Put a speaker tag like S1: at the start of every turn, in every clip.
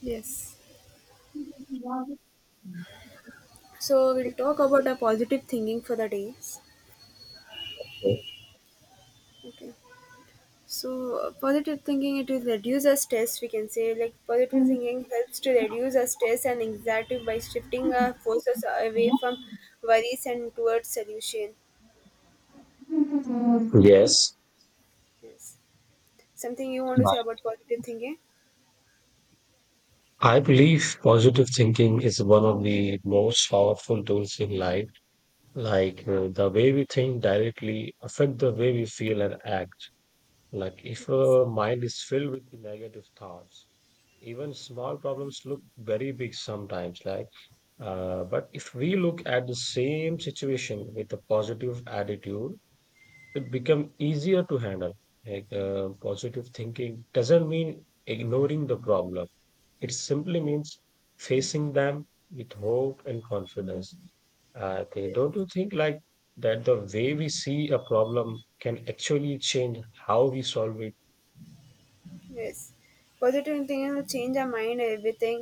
S1: Yes. So we'll talk about a positive thinking for the days. Okay. So positive thinking it will reduce our stress. We can say like positive thinking helps to reduce our stress and anxiety by shifting our forces away from worries and towards solution.
S2: Yes,
S1: Yes. Something you want to say about positive thinking?
S2: I believe positive thinking is one of the most powerful tools in life. The way we think directly affect the way we feel and act. Like if our mind is filled with negative thoughts, even small problems look very big sometimes. But if we look at the same situation with a positive attitude, it become easier to handle. Positive thinking doesn't mean ignoring the problem. It simply means facing them with hope and confidence. They
S1: Yes.
S2: don't you think like that the way we see a problem can actually change how we solve it?
S1: Yes, positive thinking will change our mind. Everything,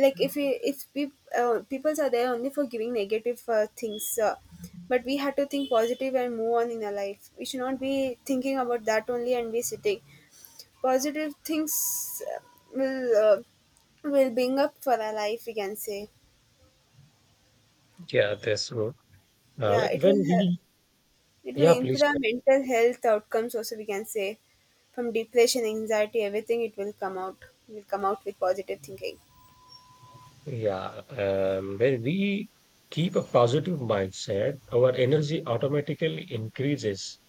S1: like if we, peoples are there only for giving negative things, but we have to think positive and move on in our life. We should not be thinking about that only and be sitting. Positive things will will bring up for our life. We can say,
S2: Yeah, that's true. Uh,
S1: yeah,
S2: like when we,
S1: it will
S2: yeah,
S1: improve
S2: please.
S1: our mental health outcomes. Also, we can say, from depression, anxiety, everything, it will come out. Will come out with positive thinking.
S2: Yeah, when we keep a positive mindset, our energy automatically increases.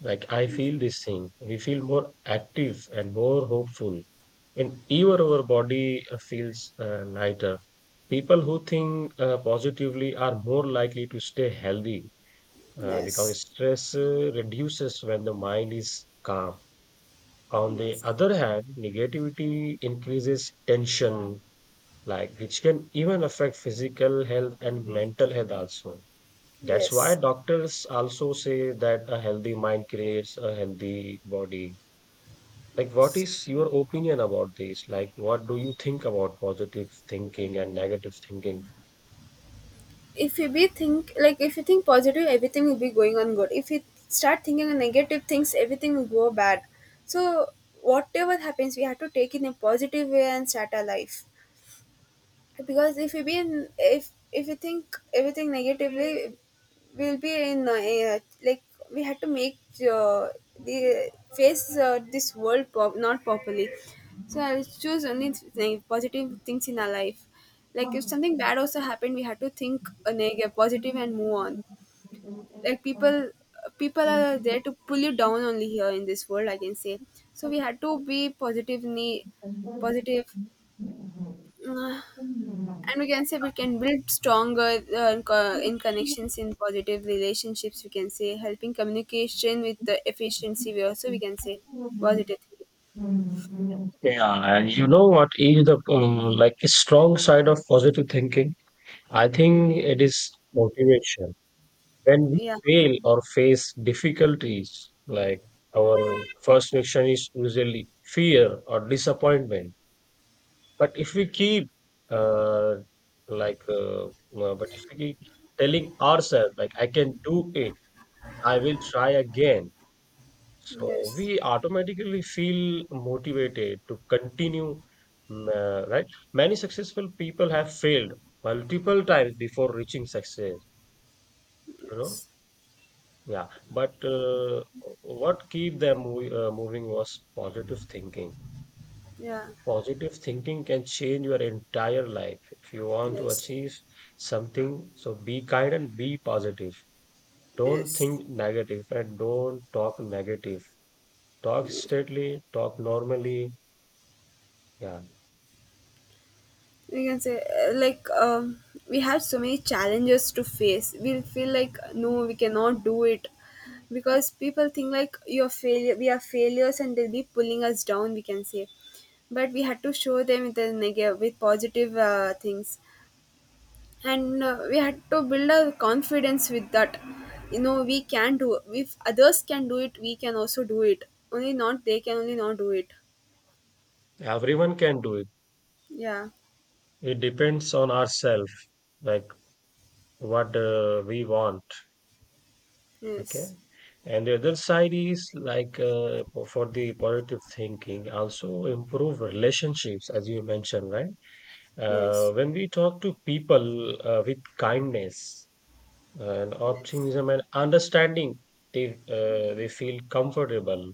S2: Like I feel this thing. We feel more active and more hopeful. And even our body feels lighter. People who think positively are more likely to stay healthy
S1: Yes.
S2: because stress reduces when the mind is calm. On the
S1: Yes,
S2: other hand, negativity increases tension, like which can even affect physical health and mental health also. That's why
S1: yes,
S2: doctors also say that a healthy mind creates a healthy body. Like, what
S1: yes.
S2: is your opinion about this? Like, what do you think about positive thinking and negative
S1: If you be think like if you think positive, everything will be going on good. If you start thinking on negative things, everything will go bad. So whatever happens, we have to take in a positive way and start our life. Because if we think everything negatively we'll be in like we had to make the face this world pop, not properly. So I'll choose only positive things in our life. Like if something bad also happened we had to think a negative positive and move on. Like, people are
S2: thinking?
S1: there to pull you down only here in this world, I can say. So we had to be positively positive. And we can say we can build stronger in connections in positive relationships, we can say, helping communication with the efficiency we also, we can say, positive
S2: Yeah, and you know what is the like a strong side of positive thinking? I think it is motivation. When we
S1: thinking. Yeah,
S2: fail or face difficulties, like our first reaction is usually fear or disappointment. But if we keep uh, like, uh, uh, but if we keep telling ourselves like I can do it, I will try again. So
S1: yes,
S2: we automatically feel motivated to continue, right? Many successful people have failed multiple times before reaching success, you know?
S1: yes,
S2: Yeah, but What keep them mov moving was positive thinking.
S1: yeah,
S2: Positive thinking can change your entire life. If you want to
S1: yes,
S2: achieve something, so be kind and be positive. Don't
S1: yes,
S2: think negative and don't talk negative. Talk
S1: yes.
S2: straightly, talk normally. Yeah.
S1: We can say, like, we have so many challenges to face, we'll feel like no, we cannot do it, because people think like you're failure, we are failures and they'll be pulling us down, we can say. But we had to show them with the negative, with positive things, and we had to build our confidence with that. You know, we can do. If others can do it, we can also do it. Only not they can, only not do it.
S2: Everyone can do it.
S1: Yeah,
S2: It depends on ourselves, like what we want. Okay.
S1: yes,
S2: And the other side is like for the positive thinking, also improve relationships, as you mentioned, right?
S1: yes,
S2: When we talk to people with kindness and
S1: yes,
S2: optimism and understanding, they feel comfortable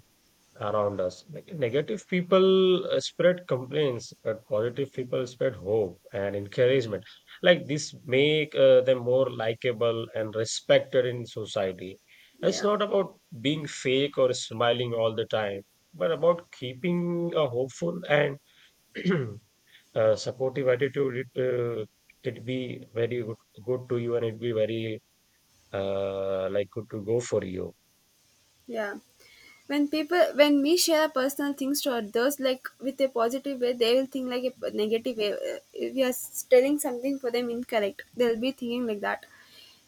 S2: around us. Negative people spread complaints, but positive people spread hope and encouragement. Like this make them more likable and respected in society. It's
S1: yeah.
S2: not about being fake or smiling all the time, but about keeping a hopeful and supportive attitude. Uh, it be very good, good to you, and it be very like good to go for you.
S1: Yeah. When people, when we share personal things to others, like with a positive way, they will think like a negative way. If you are telling something for them incorrect, they'll be thinking like that.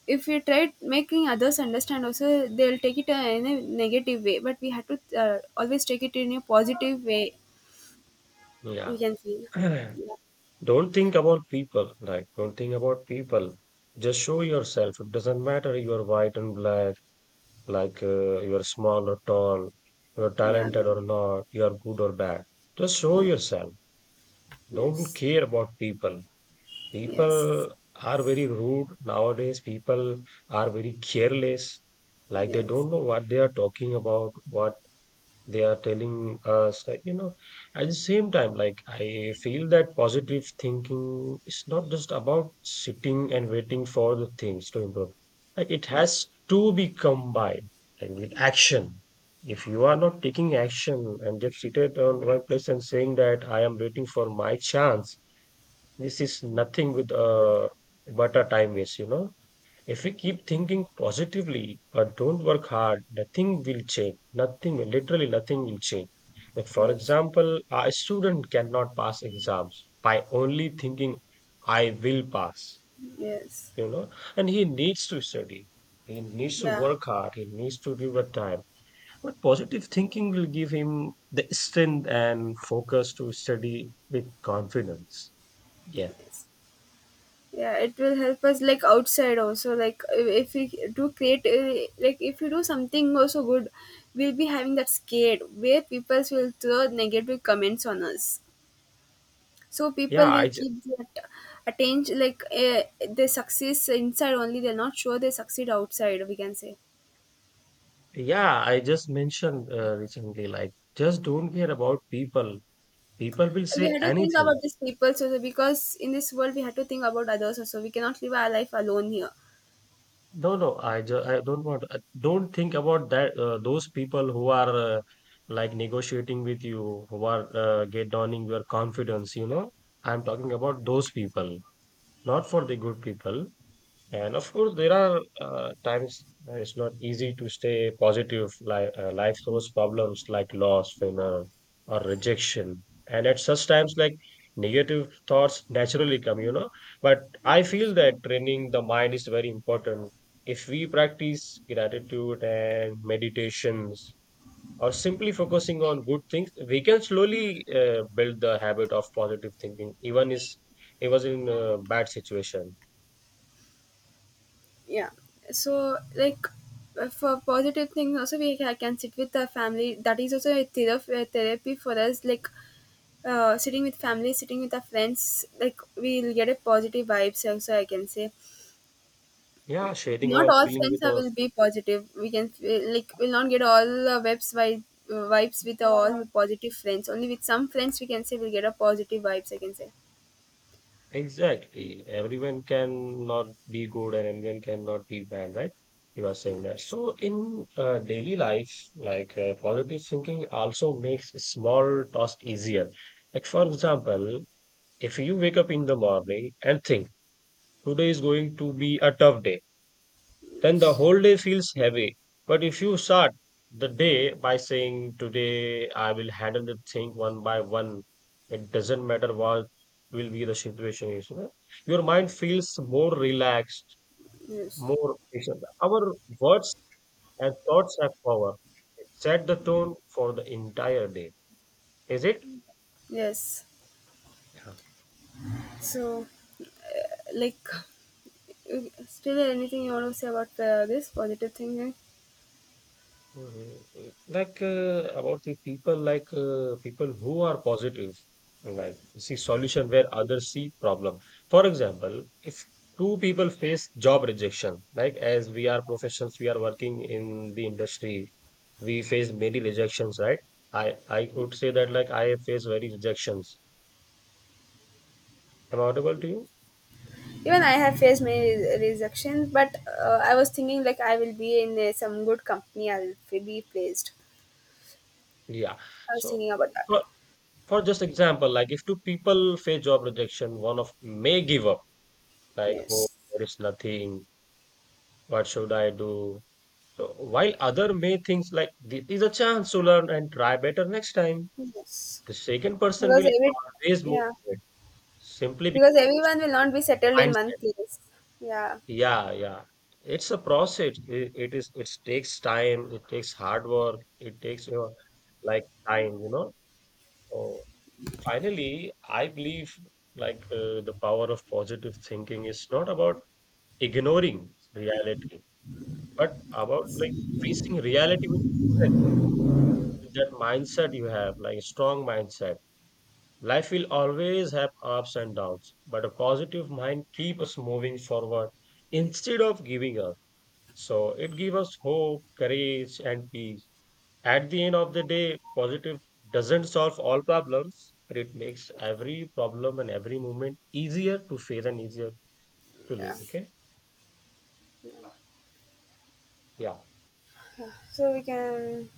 S1: If you try making others understand, also they'll take it in a negative way. But we have to always take it in a positive way.
S2: Yeah.
S1: We can see. Yeah.
S2: Don't think about people, like, don't think about people. Just show yourself. It doesn't matter you are white and black, you are small or tall, you are
S1: Yeah.
S2: talented or not, you are good or bad. Just show
S1: Yeah.
S2: yourself. Don't
S1: Yes.
S2: care about people.
S1: Yes.
S2: People are very rude nowadays. People are very careless. Like they
S1: Yes.
S2: don't know what they are talking about, what they are telling us that you know at the same time like I feel that positive thinking is not just about sitting and waiting for the things to improve, like it
S1: Yes.
S2: has to be combined like with action. If you are not taking action and just seated on one place and saying that I am waiting for my chance, this is nothing with but a time waste, you know. If we keep thinking positively but don't work hard, nothing will change. Nothing, will- Literally nothing will change. Like for
S1: Yes.
S2: example, a student cannot pass exams by only thinking, I will pass,
S1: Yes.
S2: you know, and he needs to study. He needs to
S1: Yeah.
S2: work hard. He needs to give a time. But positive thinking will give him the strength and focus to study with confidence. Yeah.
S1: Yes. Yeah, it will help us like outside also. Like if we do create like if we do something also good, we'll be having that scared where people will throw negative comments on us. So
S2: Yeah,
S1: people will
S2: I,
S1: keep that attention like, they success inside only, they're not sure they succeed outside, we can say.
S2: Yeah, I just mentioned recently, like, just don't care about people. People will
S1: We
S2: say
S1: had to think
S2: anything.
S1: about these people also, because in this world we had to think about others also, we cannot live our life alone here.
S2: No, no. I don't want. I don't think about that. Those people who are like negotiating with you, who are get downing your confidence. You know, I'm talking about those people, not for the good people. And of course, there are times that it's not easy to stay positive. Like life throws problems like loss, failure, or rejection. And at such times, like negative thoughts naturally come, you know. But I feel that training the mind is very important. If we practice gratitude and meditations, or simply focusing on good things, we can slowly build the habit of positive thinking, even in a bad situation.
S1: Yeah. So like, for positive things also we can sit with the family. That is also a therapy for us. Like, sitting with family, sitting with our friends, like we'll get a positive vibes also, I can say.
S2: Yeah, sharing
S1: Not
S2: our
S1: all
S2: feeling
S1: friends
S2: with
S1: are will
S2: us.
S1: be positive, we can like we'll not get all the vibes by vibes with all positive friends. Only with some friends, we can say, we'll get a positive vibes, I can say.
S2: Exactly. Everyone can not be good and everyone cannot be bad, right? You are saying that. So in daily life, like positive thinking also makes small task easier. Like for example, if you wake up in the morning and think today is going to be a tough day, then the
S1: Yes,
S2: whole day feels heavy. But if you start the day by saying, today I will handle the thing one by one, it doesn't matter what will be the situation is, you know. Your mind feels more relaxed,
S1: yes,
S2: more patient. Our words and thoughts have power. It set the tone for the entire day. Is it?
S1: yes. So, uh, like, you- still anything you want to say about this positive thinking?
S2: Mhm. About the people, like people who are positive, like see solution where others see problem. For example, if two people face job rejection, like as we are professionals, we are working in the industry, we face many rejections, right? I would say that like I face very rejections. Am I audible to you?
S1: Even I have faced many rejections, but I was thinking like I will be in some good company. I will be placed.
S2: Yeah.
S1: I was
S2: So
S1: thinking about that.
S2: for for just example, like if two people face job rejection, one of may give up, like oh
S1: Yes,
S2: there is nothing. What should I do? So while other may think like this is a chance to learn and try better next time,
S1: yes,
S2: the second person
S1: because
S2: will
S1: every,
S2: always
S1: yeah,
S2: motivate simply
S1: because
S2: because of
S1: everyone will not be settled in one
S2: mindset.
S1: place. Yeah,
S2: Yeah, yeah. It's a process. It is. It takes time. It takes hard work. It takes your like time, you know. So finally, I believe like the power of positive thinking is not about ignoring reality, but about like facing reality with that mindset you have, like a strong mindset, life will always have ups and downs, but a positive mind keeps us moving forward instead of giving up. So it gives us hope, courage, and peace. At the end of the day, positive doesn't solve all problems, but it makes every problem and every moment easier to face and easier to live.
S1: yeah.
S2: Okay. Yeah.
S1: So we can,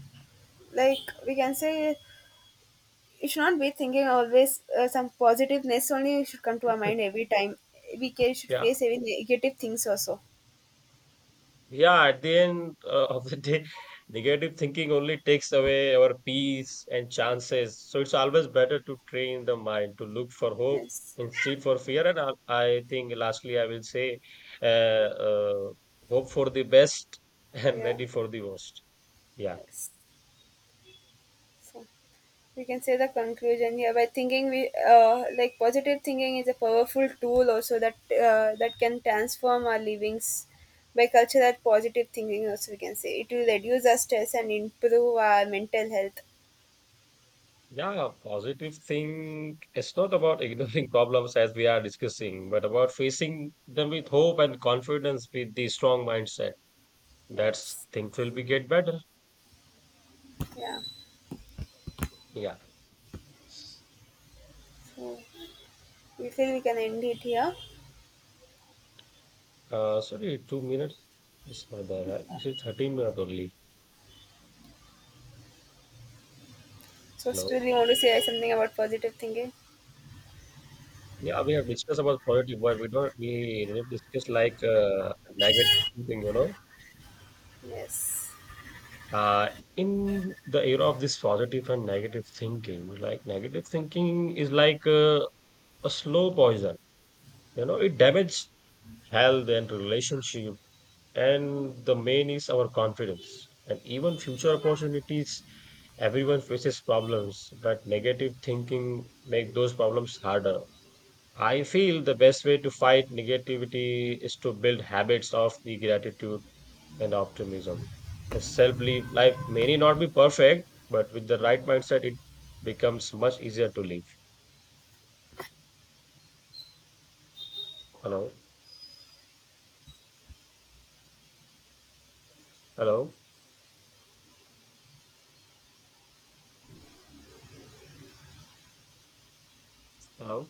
S1: like we can say, it should not be thinking always some positiveness only should come to our mind every time. We can, should
S2: Yeah.
S1: face any negative things also.
S2: Yeah, at the end of the day, negative thinking only takes away our peace and chances. So it's always better to train the mind to look for hope
S1: Yes,
S2: instead for fear. And I think lastly, I will say, uh, uh, hope for the best and
S1: yeah,
S2: ready for the worst. Yeah.
S1: yes. So we can say the conclusion here by thinking we like positive thinking is a powerful tool also that that can transform our livings by culture. That positive thinking, also we can say, it will reduce our stress and improve our mental health.
S2: Yeah, positive thing. It's not about ignoring problems as we are discussing, but about facing them with hope and confidence with the strong mindset. That's
S1: Yes,
S2: things will be get better.
S1: yeah.
S2: Yeah.
S1: So we feel we can end it here.
S2: Sorry, 2 minutes is not there, right? This is 13 minutes only.
S1: So
S2: No.
S1: still you want to say something about positive thinking?
S2: Yeah, we have discussed about positive, but we didn't discuss like negative thing, you know.
S1: Yes.
S2: Uh, in the era of this positive and negative thinking, like negative thinking is like a slow poison, you know, it damages health and relationship. And the main is our confidence and even future opportunities. Everyone faces problems, but negative thinking make those problems harder. I feel the best way to fight negativity is to build habits of the gratitude and optimism. A self-belief life may not be perfect, but with the right mindset, it becomes much easier to live. Hello, hello, hello.